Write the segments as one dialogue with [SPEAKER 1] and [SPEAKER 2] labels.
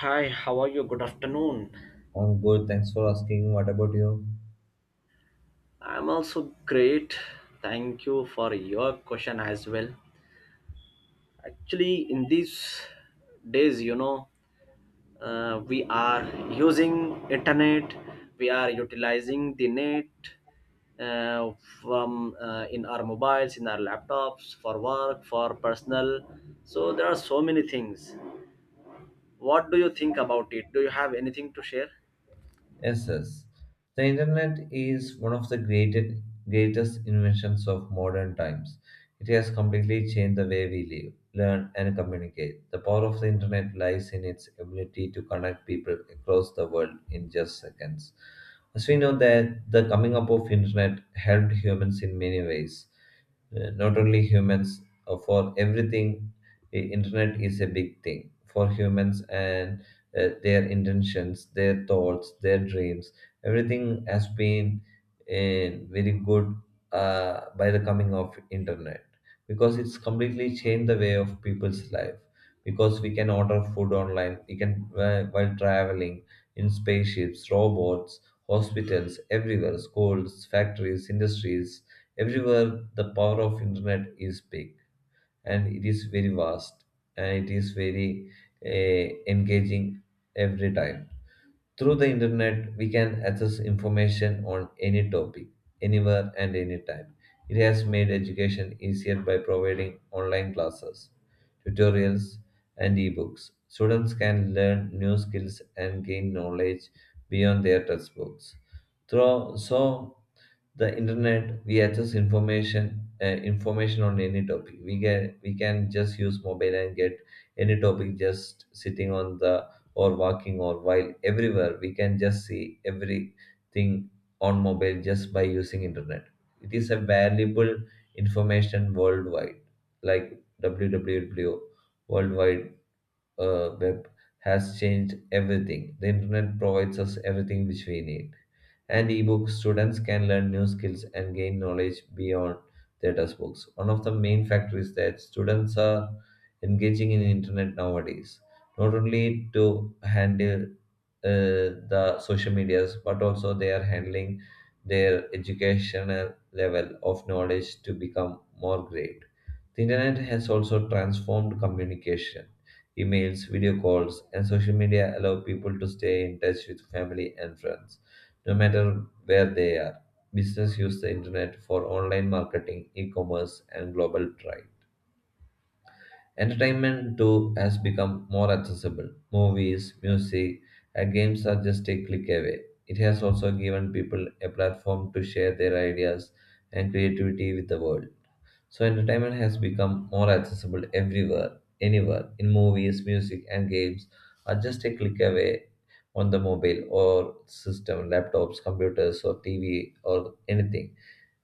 [SPEAKER 1] Hi, how are you? Good afternoon.
[SPEAKER 2] I'm good. Thanks for asking. What about you?
[SPEAKER 1] I'm also great. Thank you for your question as well. Actually, in these days, we are using internet. We are utilizing the net uh, from in our mobiles, in our laptops, for work, for personal. So there are so many things. What do you think about it? Do you have anything to share?
[SPEAKER 2] Yes, yes. The internet is one of the greatest inventions of modern times. It has completely changed the way we live, learn, and communicate. The power of the internet lies in its ability to connect people across the world in just seconds. As we know that the coming up of internet helped humans in many ways. Not only humans, for everything, the internet is a big thing for humans, and their intentions, their thoughts, their dreams, everything has been uh, very good by the coming of internet, because it's completely changed the way of people's life, because we can order food online, we can, while traveling, in spaceships, robots, hospitals, everywhere, schools, factories, industries. Everywhere the power of internet is big, and it is very vast, and it is very engaging every time. Through the internet, we can access information on any topic, anywhere and anytime. It has made education easier by providing online classes, tutorials, and ebooks. Students can learn new skills and gain knowledge beyond their textbooks. So the internet, we access information, information on any topic. We get, we can just use mobile and get any topic just sitting on the, or walking, or while everywhere, we can just see everything on mobile just by using internet. It is a valuable information worldwide, like www, worldwide web, has changed everything. The internet provides us everything which we need. And ebooks, students can learn new skills and gain knowledge beyond their textbooks. One of the main factors that students are engaging in internet nowadays, not only to handle the social medias, but also they are handling their educational level of knowledge to become more great. The internet has also transformed communication. Emails, video calls, and social media allow people to stay in touch with family and friends, no matter where they are. Business use the internet for online marketing, e-commerce, and global trade. Entertainment too has become more accessible. Movies, music, and games are just a click away. It has also given people a platform to share their ideas and creativity with the world. So, entertainment has become more accessible everywhere, anywhere, in movies, music, and games are just a click away on the mobile or system, laptops, computers, or TV, or anything,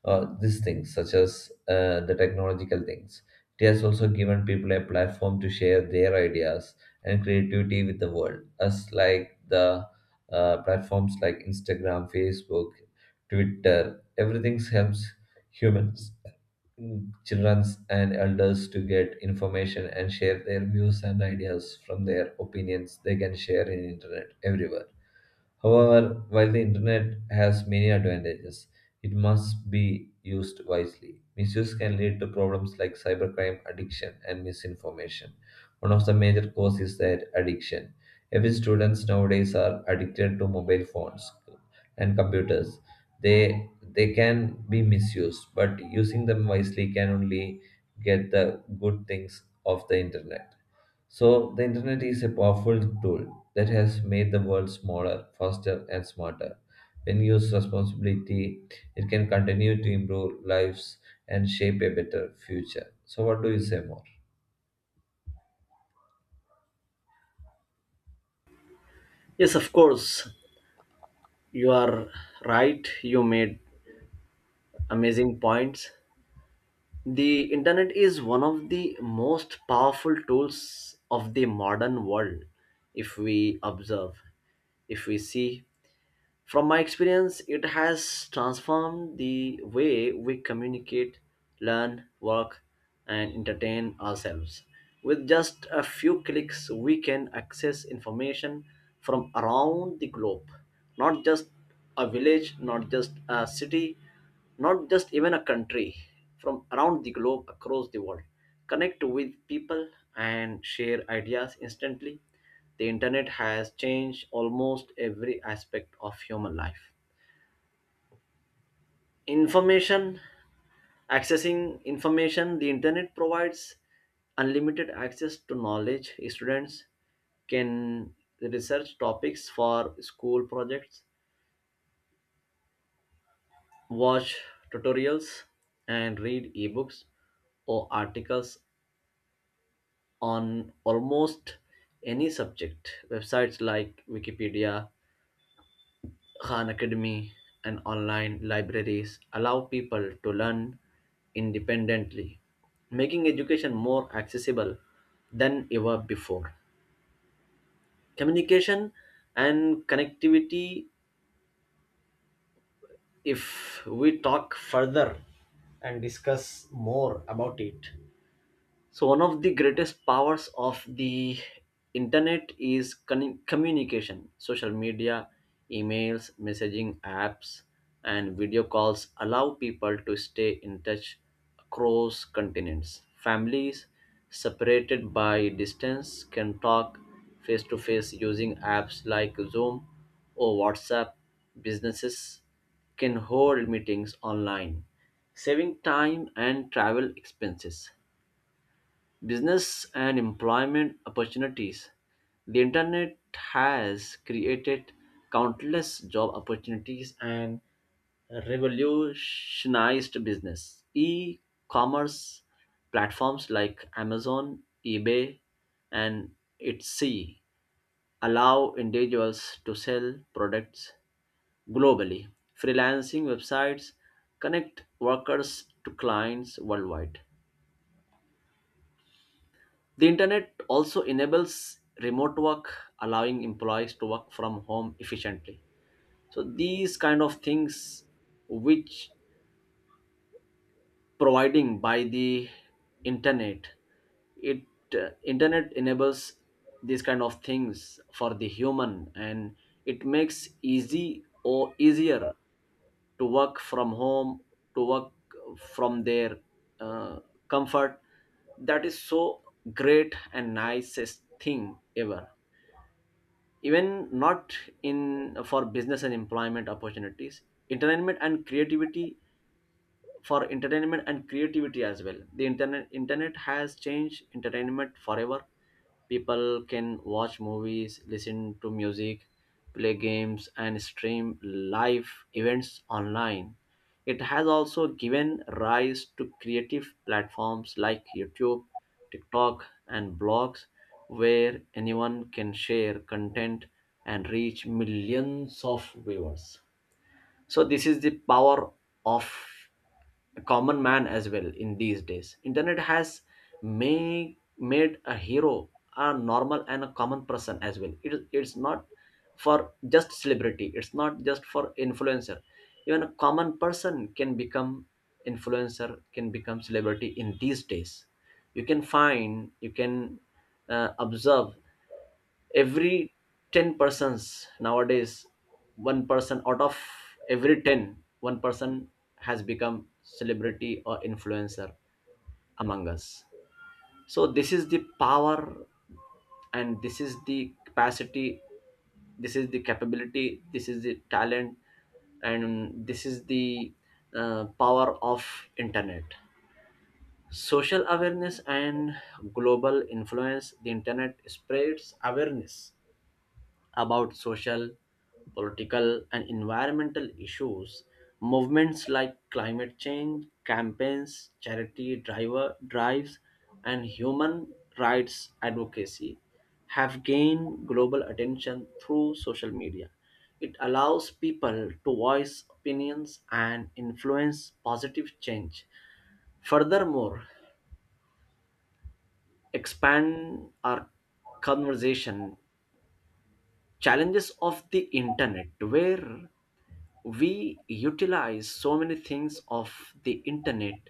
[SPEAKER 2] these things, such as the technological things. It has also given people a platform to share their ideas and creativity with the world, as like the platforms like Instagram, Facebook, Twitter. Everything helps humans, children, and elders to get information and share their views and ideas. From their opinions, they can share in internet everywhere. However, while the internet has many advantages, it must be used wisely. Misuse can lead to problems like cybercrime, addiction, and misinformation. One of the major causes is that addiction. Every students nowadays are addicted to mobile phones and computers. They can be misused, but using them wisely can only get the good things of the internet. So, the internet is a powerful tool that has made the world smaller, faster, and smarter. When used responsibly, it can continue to improve lives and shape a better future. So, what do you say more?
[SPEAKER 1] Yes, of course. You are right. You made amazing points. The internet is one of the most powerful tools of the modern world, if we observe, if we see from my experience, it has transformed the way we communicate, learn, work, and entertain ourselves. With just a few clicks, we can access information from around the globe, not just a village, not just a city, not just even a country, from around the globe across the world. Connect with people and share ideas instantly. The internet has changed almost every aspect of human life. Information, accessing information, the internet provides unlimited access to knowledge. Students can research topics for school projects, watch tutorials, and read ebooks or articles on almost any subject. Websites like Wikipedia, Khan Academy and online libraries allow people to learn independently, making education more accessible than ever before. Communication and connectivity, if we talk further and discuss more about it, so one of the greatest powers of the internet is communication, social media, emails, messaging apps, and video calls allow people to stay in touch across continents. Families separated by distance can talk face to face using apps like Zoom or WhatsApp. Businesses can hold meetings online, saving time and travel expenses. Business and employment opportunities. The internet has created countless job opportunities and revolutionized business. E commerce platforms like Amazon, eBay, and Etsy allow individuals to sell products globally. Freelancing websites connect workers to clients worldwide. The internet also enables remote work, allowing employees to work from home efficiently. So these kind of things which providing by the internet, it internet enables these kind of things for the human, and it makes easy or easier to work from home, to work from their uh, comfort. That is so great and nicest thing ever, even not in for business and employment opportunities. Entertainment and creativity, for entertainment and creativity as well, the internet has changed entertainment forever. People can watch movies, listen to music, play games, and stream live events online. It has also given rise to creative platforms like YouTube, TikTok, and blogs, where anyone can share content and reach millions of viewers. So this is the power of a common man as well. In these days internet has made a hero, a normal and a common person as well. It's not for just celebrity, it's not just for influencer. Even a common person can become influencer, can become celebrity in these days. You can find, you can observe, every 10 persons nowadays, one person out of every 10, one person has become celebrity or influencer among us. So this is the power, and this is the capacity, this is the capability, this is the talent, and this is the power of internet. Social awareness and global influence. The internet spreads awareness about social, political, and environmental issues. Movements like climate change campaigns, charity driver drives, and human rights advocacy have gained global attention through social media. It allows people to voice opinions and influence positive change. Furthermore, expand our conversation, challenges of the internet, where we utilize so many things of the internet,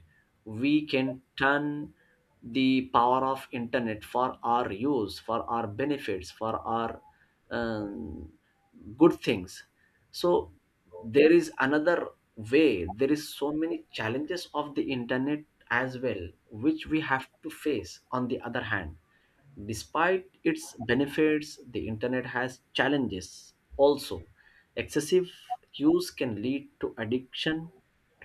[SPEAKER 1] we can turn the power of internet for our use, for our benefits, for our um, good things. So there is another way, there is so many challenges of the internet as well which we have to face. On the other hand, despite its benefits, the internet has challenges also. Excessive use can lead to addiction,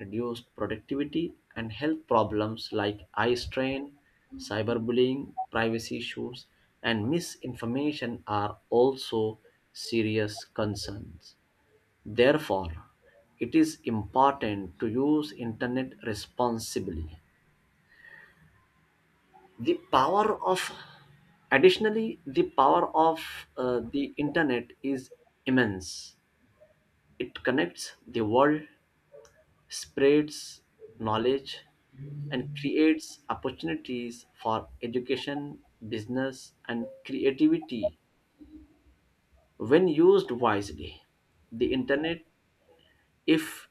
[SPEAKER 1] reduced productivity, and health problems like eye strain, cyberbullying, privacy issues, and misinformation are also serious concerns. Therefore, it is important to use internet responsibly. The power of additionally the power of the internet is immense. It connects the world, spreads knowledge, and creates opportunities for education, business, and creativity when used wisely. The internet, if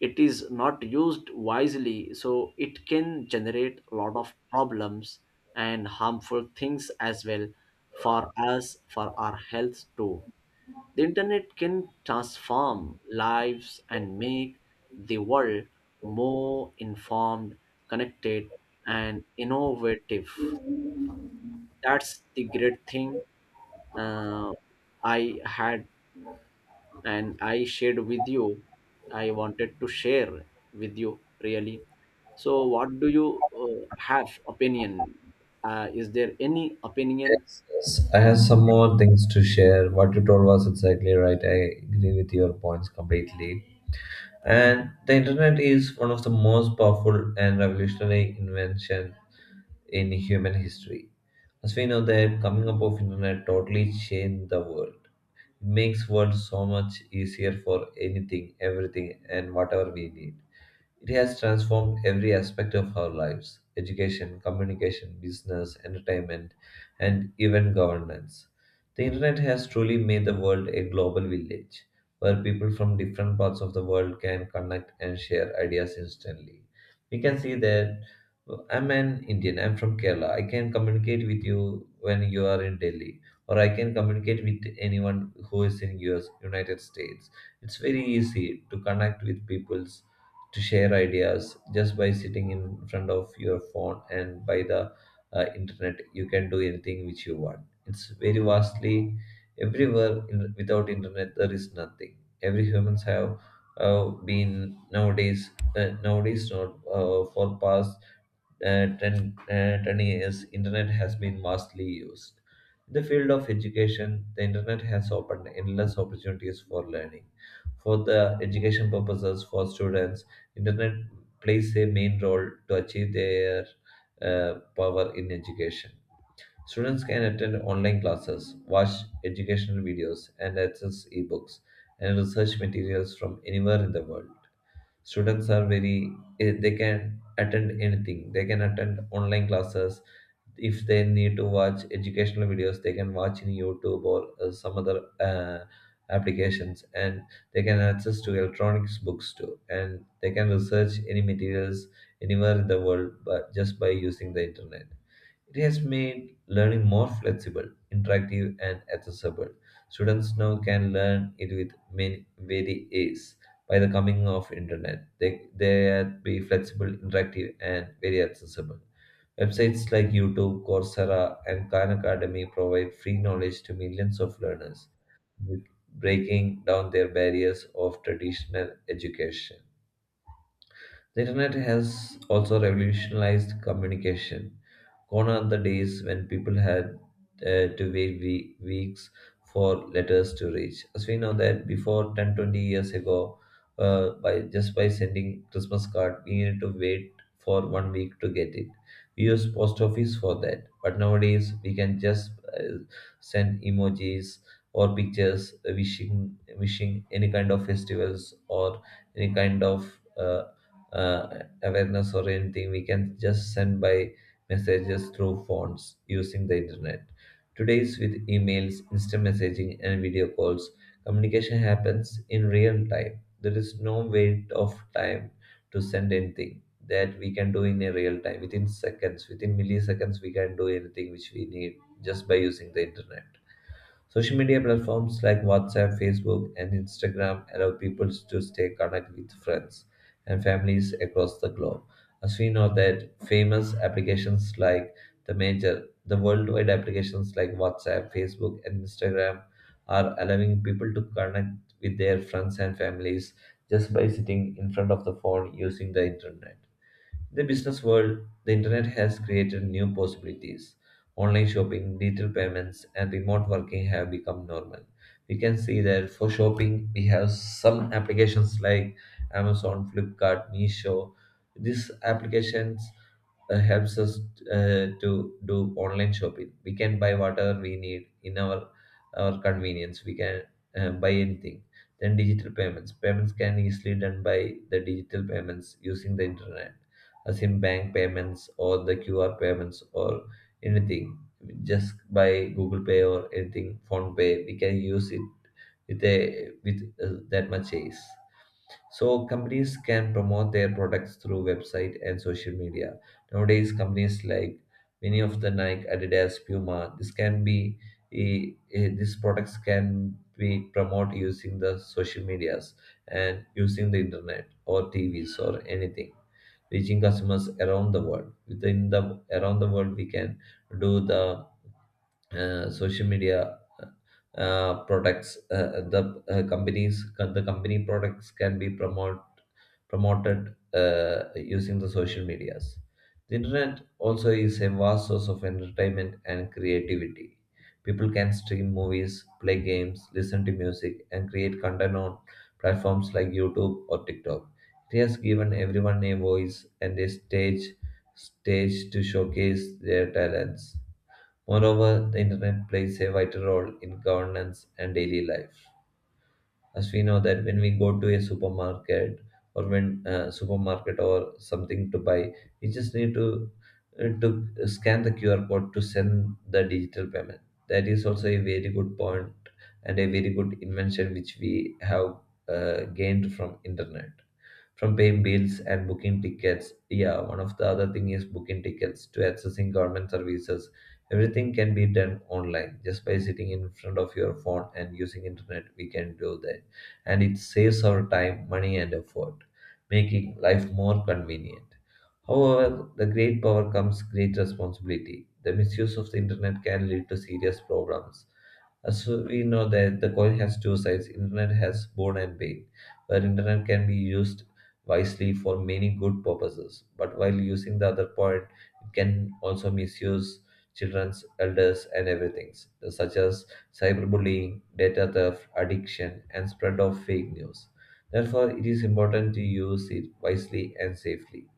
[SPEAKER 1] it is not used wisely, so it can generate a lot of problems and harmful things as well, for us, for our health too. The internet can transform lives and make the world more informed, connected, and innovative. That's the great thing uh, I had and I shared with you. I wanted to share with you really. So, what do you have opinion? Is there any opinion?
[SPEAKER 2] Yes, yes. I have some more things to share. What you told was exactly right. I agree with your points completely. And the internet is one of the most powerful and revolutionary invention in human history. As we know that coming up of internet totally changed the world. It makes world so much easier for anything, everything and whatever we need. It has transformed every aspect of our lives: education, communication, business, entertainment, and even governance. The internet has truly made the world a global village where people from different parts of the world can connect and share ideas instantly. We can see that, I'm an Indian, I'm from Kerala. I can communicate with you when you are in Delhi, or I can communicate with anyone who is in US, United States. It's very easy to connect with peoples, to share ideas just by sitting in front of your phone, and by the internet, you can do anything which you want. It's very vastly everywhere. In, without internet, there is nothing. Every humans have been nowadays, nowadays not for past 10 years, internet has been vastly used. In the field of education, the internet has opened endless opportunities for learning. For the education purposes for students, internet plays a main role to achieve their power in education. Students can attend online classes, watch educational videos, and access ebooks and research materials from anywhere in the world. Students are very they can attend anything, they can attend online classes. If they need to watch educational videos, they can watch in youtube or some other applications. And they can access to electronics books too, and they can research any materials anywhere in the world, but just by using the internet. It has made learning more flexible, interactive, and accessible. Students now can learn it with many very ease by the coming of internet. They be flexible, interactive, and very accessible. Websites like YouTube, Coursera, and Khan Academy provide free knowledge to millions of learners, with breaking down their barriers of traditional education. The internet has also revolutionized communication. Gone are the days when people had to wait weeks for letters to reach. As we know that before 10, 20 years ago, by just by sending Christmas card, we needed to wait for 1 week to get it. We use post office for that, but nowadays we can just uh, send emojis or pictures, wishing, wishing any kind of festivals or any kind of uh, awareness or anything. We can just send by messages through phones using the internet. Today's with emails, instant messaging, and video calls, communication happens in real time. There is no wait of time to send anything, that we can do in a real time. Within seconds, within milliseconds, we can do anything which we need just by using the internet. Social media platforms like WhatsApp, Facebook, and Instagram allow people to stay connected with friends and families across the globe. As we know that famous applications like the major, the worldwide applications like WhatsApp, Facebook, and Instagram are allowing people to connect with their friends and families just by sitting in front of the phone using the internet. In the business world, the internet has created new possibilities. Online shopping, digital payments, and remote working have become normal. We can see that for shopping, we have some applications like Amazon, Flipkart, Meesho. These applications helps us to do online shopping. We can buy whatever we need in our convenience. We can buy anything. Then digital payments. Payments can easily done by the digital payments using the internet, as in bank payments or the QR payments or anything. Just by Google Pay or anything, Phone Pay, we can use it with that much ease. So companies can promote their products through website and social media. Nowadays, companies like many of the Nike, Adidas, Puma, this can be these products can be promote using the social medias and using the internet or TVs or anything, reaching customers around the world. Within the around the world, we can do the social media, products, the companies, the company products can be promoted using the social medias. The internet also is a vast source of entertainment and creativity. People can stream movies, play games, listen to music, and create content on platforms like youtube or tiktok. It has given everyone a voice and a stage to showcase their talents. Moreover, the internet plays a vital role in governance and daily life. As we know that when we go to a supermarket, or when supermarket or something to buy, we just need to uh, to scan the QR code to send the digital payment. That is also a very good point and a very good invention which we have gained from internet, from paying bills and booking tickets. Yeah, one of the other thing is booking tickets to accessing government services. Everything can be done online just by sitting in front of your phone and using internet. We can do that, and it saves our time, money, and effort, making life more convenient. However, the great power comes great responsibility. The misuse of the internet can lead to serious problems, as we know that the coin has two sides, internet has boon and pain, where internet can be used wisely for many good purposes. But while using the other point, it can also misuse children's, elders, and everything, such as cyberbullying, data theft, addiction, and spread of fake news. Therefore, it is important to use it wisely and safely.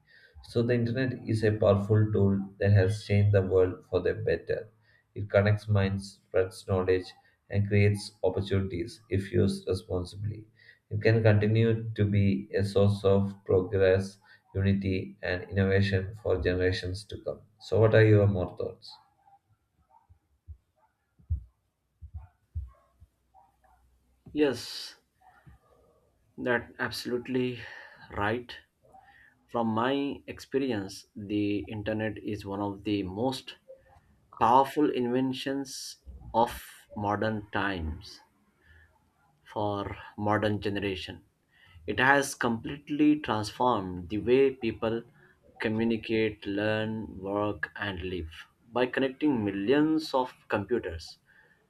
[SPEAKER 2] So the internet is a powerful tool that has changed the world for the better. It connects minds, spreads knowledge, and creates opportunities if used responsibly. It can continue to be a source of progress, unity, and innovation for generations to come. So, what are your more thoughts?
[SPEAKER 1] Yes, that absolutely right. From my experience, the internet is one of the most powerful inventions of modern times, for modern generation. It has completely transformed the way people communicate, learn, work, and live by connecting millions of computers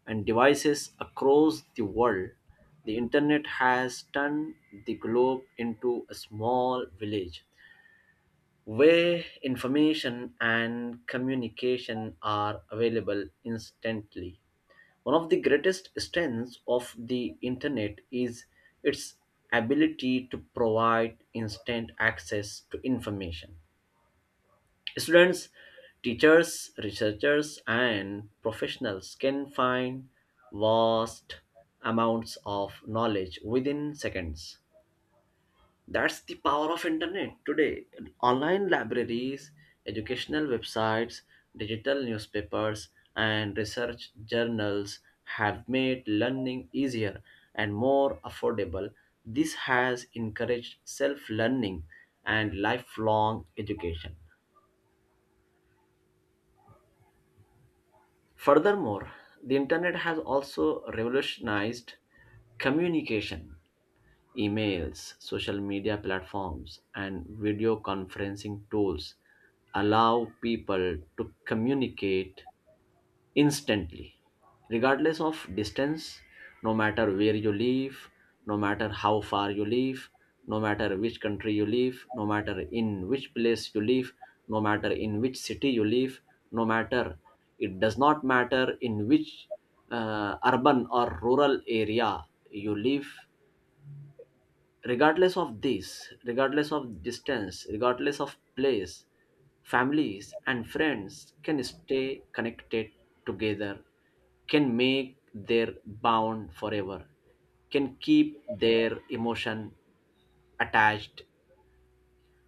[SPEAKER 1] and devices across the world. The internet has turned the globe into a small village where information and communication are available instantly. One of the greatest strengths of the internet is its ability to provide instant access to information. Students, teachers, researchers, and professionals can find vast amounts of knowledge within seconds. That's the power of internet today. Online libraries, educational websites, digital newspapers, and research journals have made learning easier and more affordable. This has encouraged self-learning and lifelong education. Furthermore, the internet has also revolutionized communication. Emails, social media platforms, and video conferencing tools allow people to communicate instantly, regardless of distance, no matter where you live, no matter how far you live, no matter which country you live, no matter in which place you live, no matter in which city you live, no matter, it does not matter in which urban or rural area you live. Regardless of this, regardless of distance, regardless of place, families and friends can stay connected together, can make their bond forever, can keep their emotion attached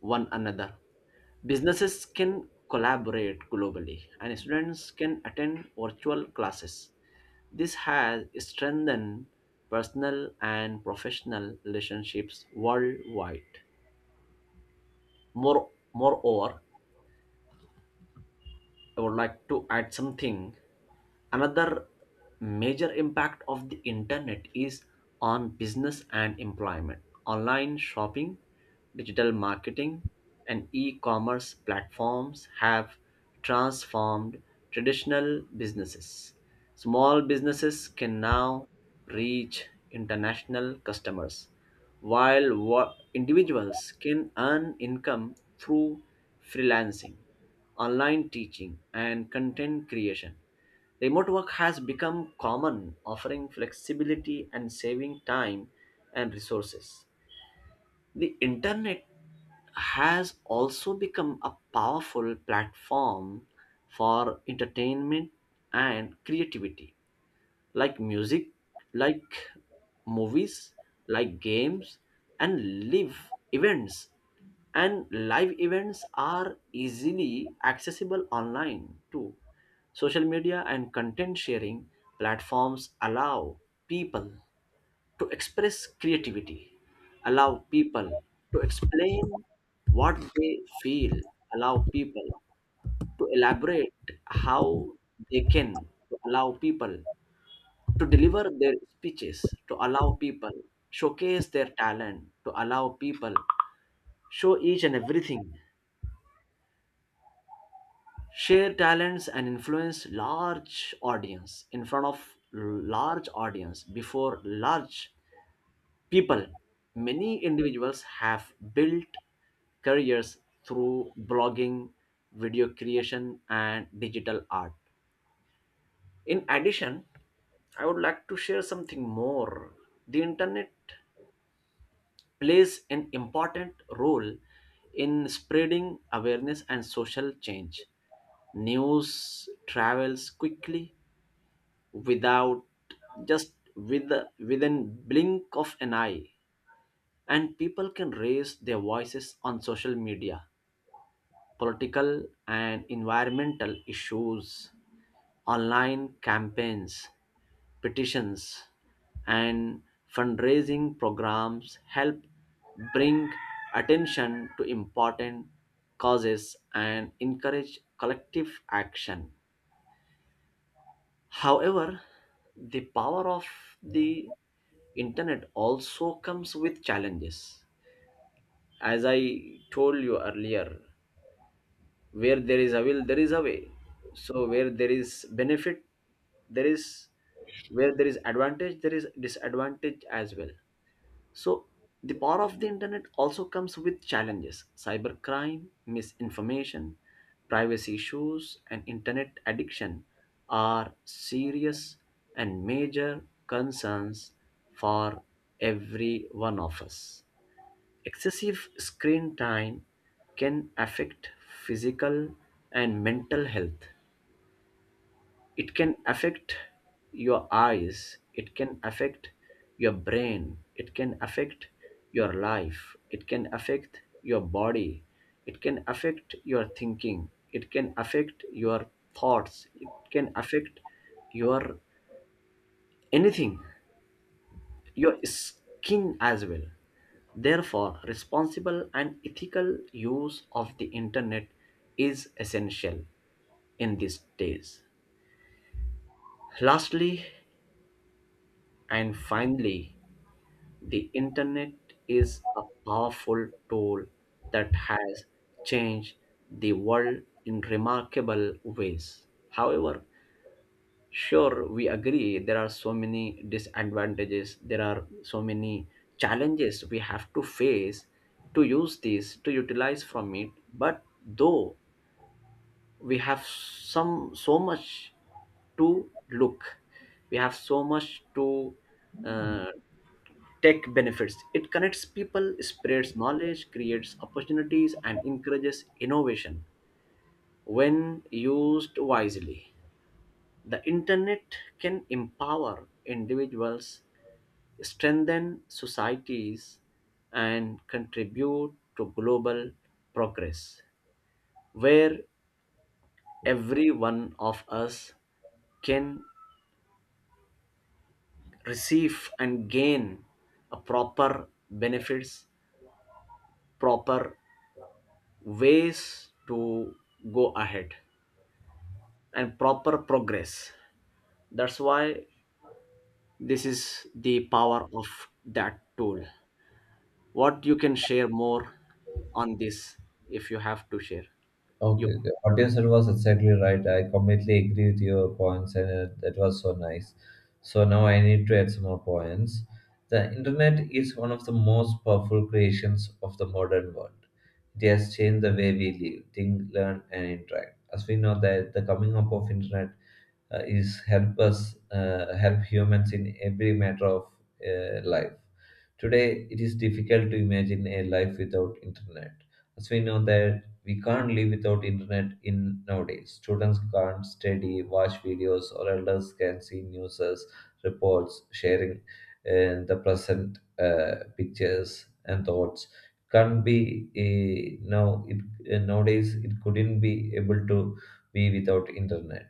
[SPEAKER 1] one another. Businesses can collaborate globally and students can attend virtual classes. This has strengthened personal and professional relationships worldwide. Moreover, I would like to add something. Another major impact of the internet is on business and employment. Online shopping, digital marketing, and e commerce platforms have transformed traditional businesses. Small businesses can now reach international customers, while individuals can earn income through freelancing, online teaching, and content creation. Remote work has become common, offering flexibility and saving time and resources. The internet has also become a powerful platform for entertainment and creativity, like music, like movies, like games, and live events. And live events are easily accessible online too. Social media and content sharing platforms allow people to express creativity, allow people to explain what they feel, allow people to elaborate how they can, to allow people to deliver their speeches, to allow people, showcase their talent, to allow people, show each and everything, share talents and influence large audience in front of large audience before large people. Many individuals have built careers through blogging, video creation, and digital art. In addition, I would like to share something more. The internet plays an important role in spreading awareness and social change. News travels quickly, without, just with, within blink of an eye, and people can raise their voices on social media, political and environmental issues, online campaigns, petitions, and fundraising programs help bring attention to important causes and encourage collective action. However, the power of the internet also comes with challenges. As I told you earlier, where there is a will there is a way, so where there is benefit there is, where there is advantage there is disadvantage as well. So the power of the internet also comes with challenges. Cybercrime, misinformation, privacy issues, and internet addiction are serious and major concerns for every one of us. Excessive screen time can affect physical and mental health. It can affect your eyes, it can affect your brain, it can affect your life, it can affect your body, it can affect your thinking, it can affect your thoughts, it can affect your anything, your skin as well. Therefore, responsible and ethical use of the internet is essential in these days. Lastly and finally, the internet is a powerful tool that has changed the world in remarkable ways. However, sure, we agree. There are so many disadvantages. There are so many challenges we have to face to use this, to utilize from it. But though we have some so much to look, we have so much to uh, take benefits. It connects people, spreads knowledge, creates opportunities, and encourages innovation when used wisely. The internet can empower individuals, strengthen societies, and contribute to global progress, where every one of us can receive and gain a proper benefits, proper ways to go ahead, and proper progress. That's why this is the power of that tool. What you can share more on this, if you have to share. You.
[SPEAKER 2] Okay, okay. What you said was exactly right. I completely agree with your points, and that was so nice. So now I need to add some more points. The internet is one of the most powerful creations of the modern world. It has changed the way we live, think, learn, and interact. As we know that the coming up of internet is help us help humans in every matter of life. Today, it is difficult to imagine a life without internet, as we know that we can't live without internet in nowadays. Students can't study, watch videos, or elders can see news, reports, sharing the present pictures and thoughts. Can't be now. It Nowadays it couldn't be able to be without internet.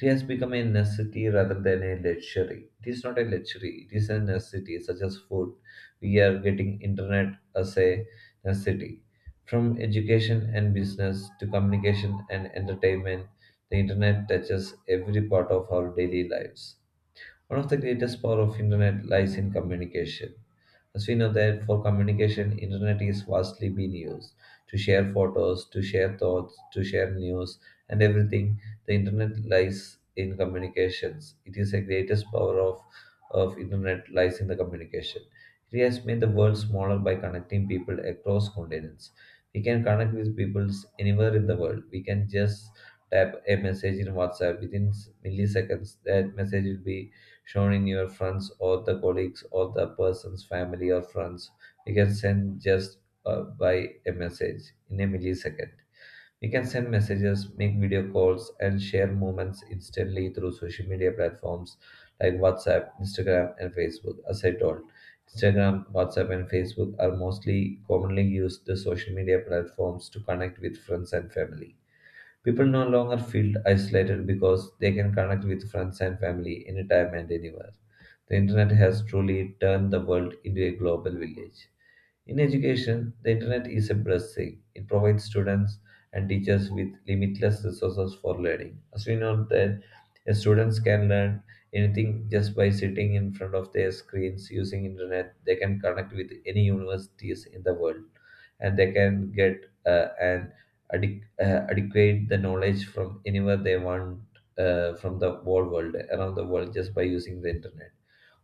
[SPEAKER 2] It has become a necessity rather than a luxury. It is not a luxury. It is a necessity, such as food, we are getting internet as a necessity. From education and business to communication and entertainment, the internet touches every part of our daily lives. One of the greatest power of internet lies in communication. As we know that for communication, internet is vastly being used to share photos, to share thoughts, to share news, and everything. The internet lies in communications. It is the greatest power of internet lies in the communication. It has made the world smaller by connecting people across continents. We can connect with people anywhere in the world. We can just type a message in WhatsApp within milliseconds. That message will be shown in your friends or the colleagues or the person's family or friends. We can send just by a message in a millisecond. We can send messages, make video calls, and share moments instantly through social media platforms like WhatsApp, Instagram, and Facebook. As I told, Instagram, WhatsApp, and Facebook are mostly commonly used the social media platforms to connect with friends and family. People no longer feel isolated because they can connect with friends and family anytime and anywhere. The internet has truly turned the world into a global village. In education, the internet is a blessing. It provides students and teachers with limitless resources for learning. As we know that students can learn anything just by sitting in front of their screens using internet, they can connect with any universities in the world and they can get an adequate the knowledge from anywhere they want from the whole world around the world just by using the internet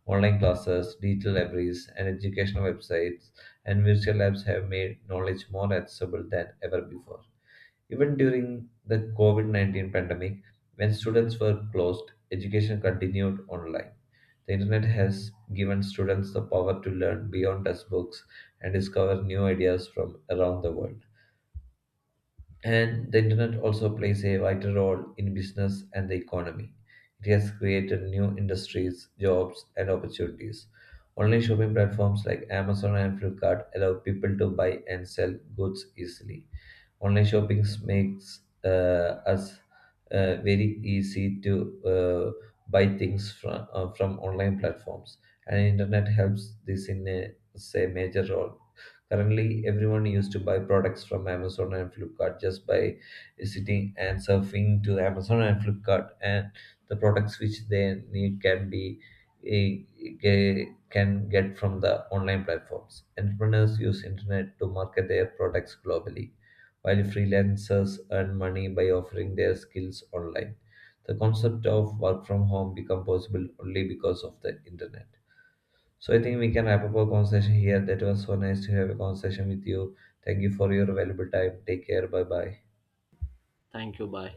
[SPEAKER 2] online classes, digital libraries, and educational websites, and virtual labs have made knowledge more accessible than ever before. Even during the COVID 19 pandemic, when students were closed, education continued online. The internet has given students the power to learn beyond textbooks and discover new ideas from around the world. And the internet also plays a vital role in business and the economy. It has created new industries, jobs, and opportunities. Online shopping platforms like Amazon and Flipkart allow people to buy and sell goods easily. Online shopping makes us very easy to uh, buy things from online platforms, and internet helps this in a say major role. Currently, everyone used to buy products from Amazon and Flipkart just by sitting and surfing to Amazon and Flipkart, and the products which they need can be eh, can get from the online platforms. Entrepreneurs use internet to market their products globally while freelancers earn money by offering their skills online. The concept of work from home became possible only because of the internet. So I think we can wrap up our conversation here. That was so nice to have a conversation with you. Thank you for your valuable time. Take care. Bye bye.
[SPEAKER 1] Thank you. Bye.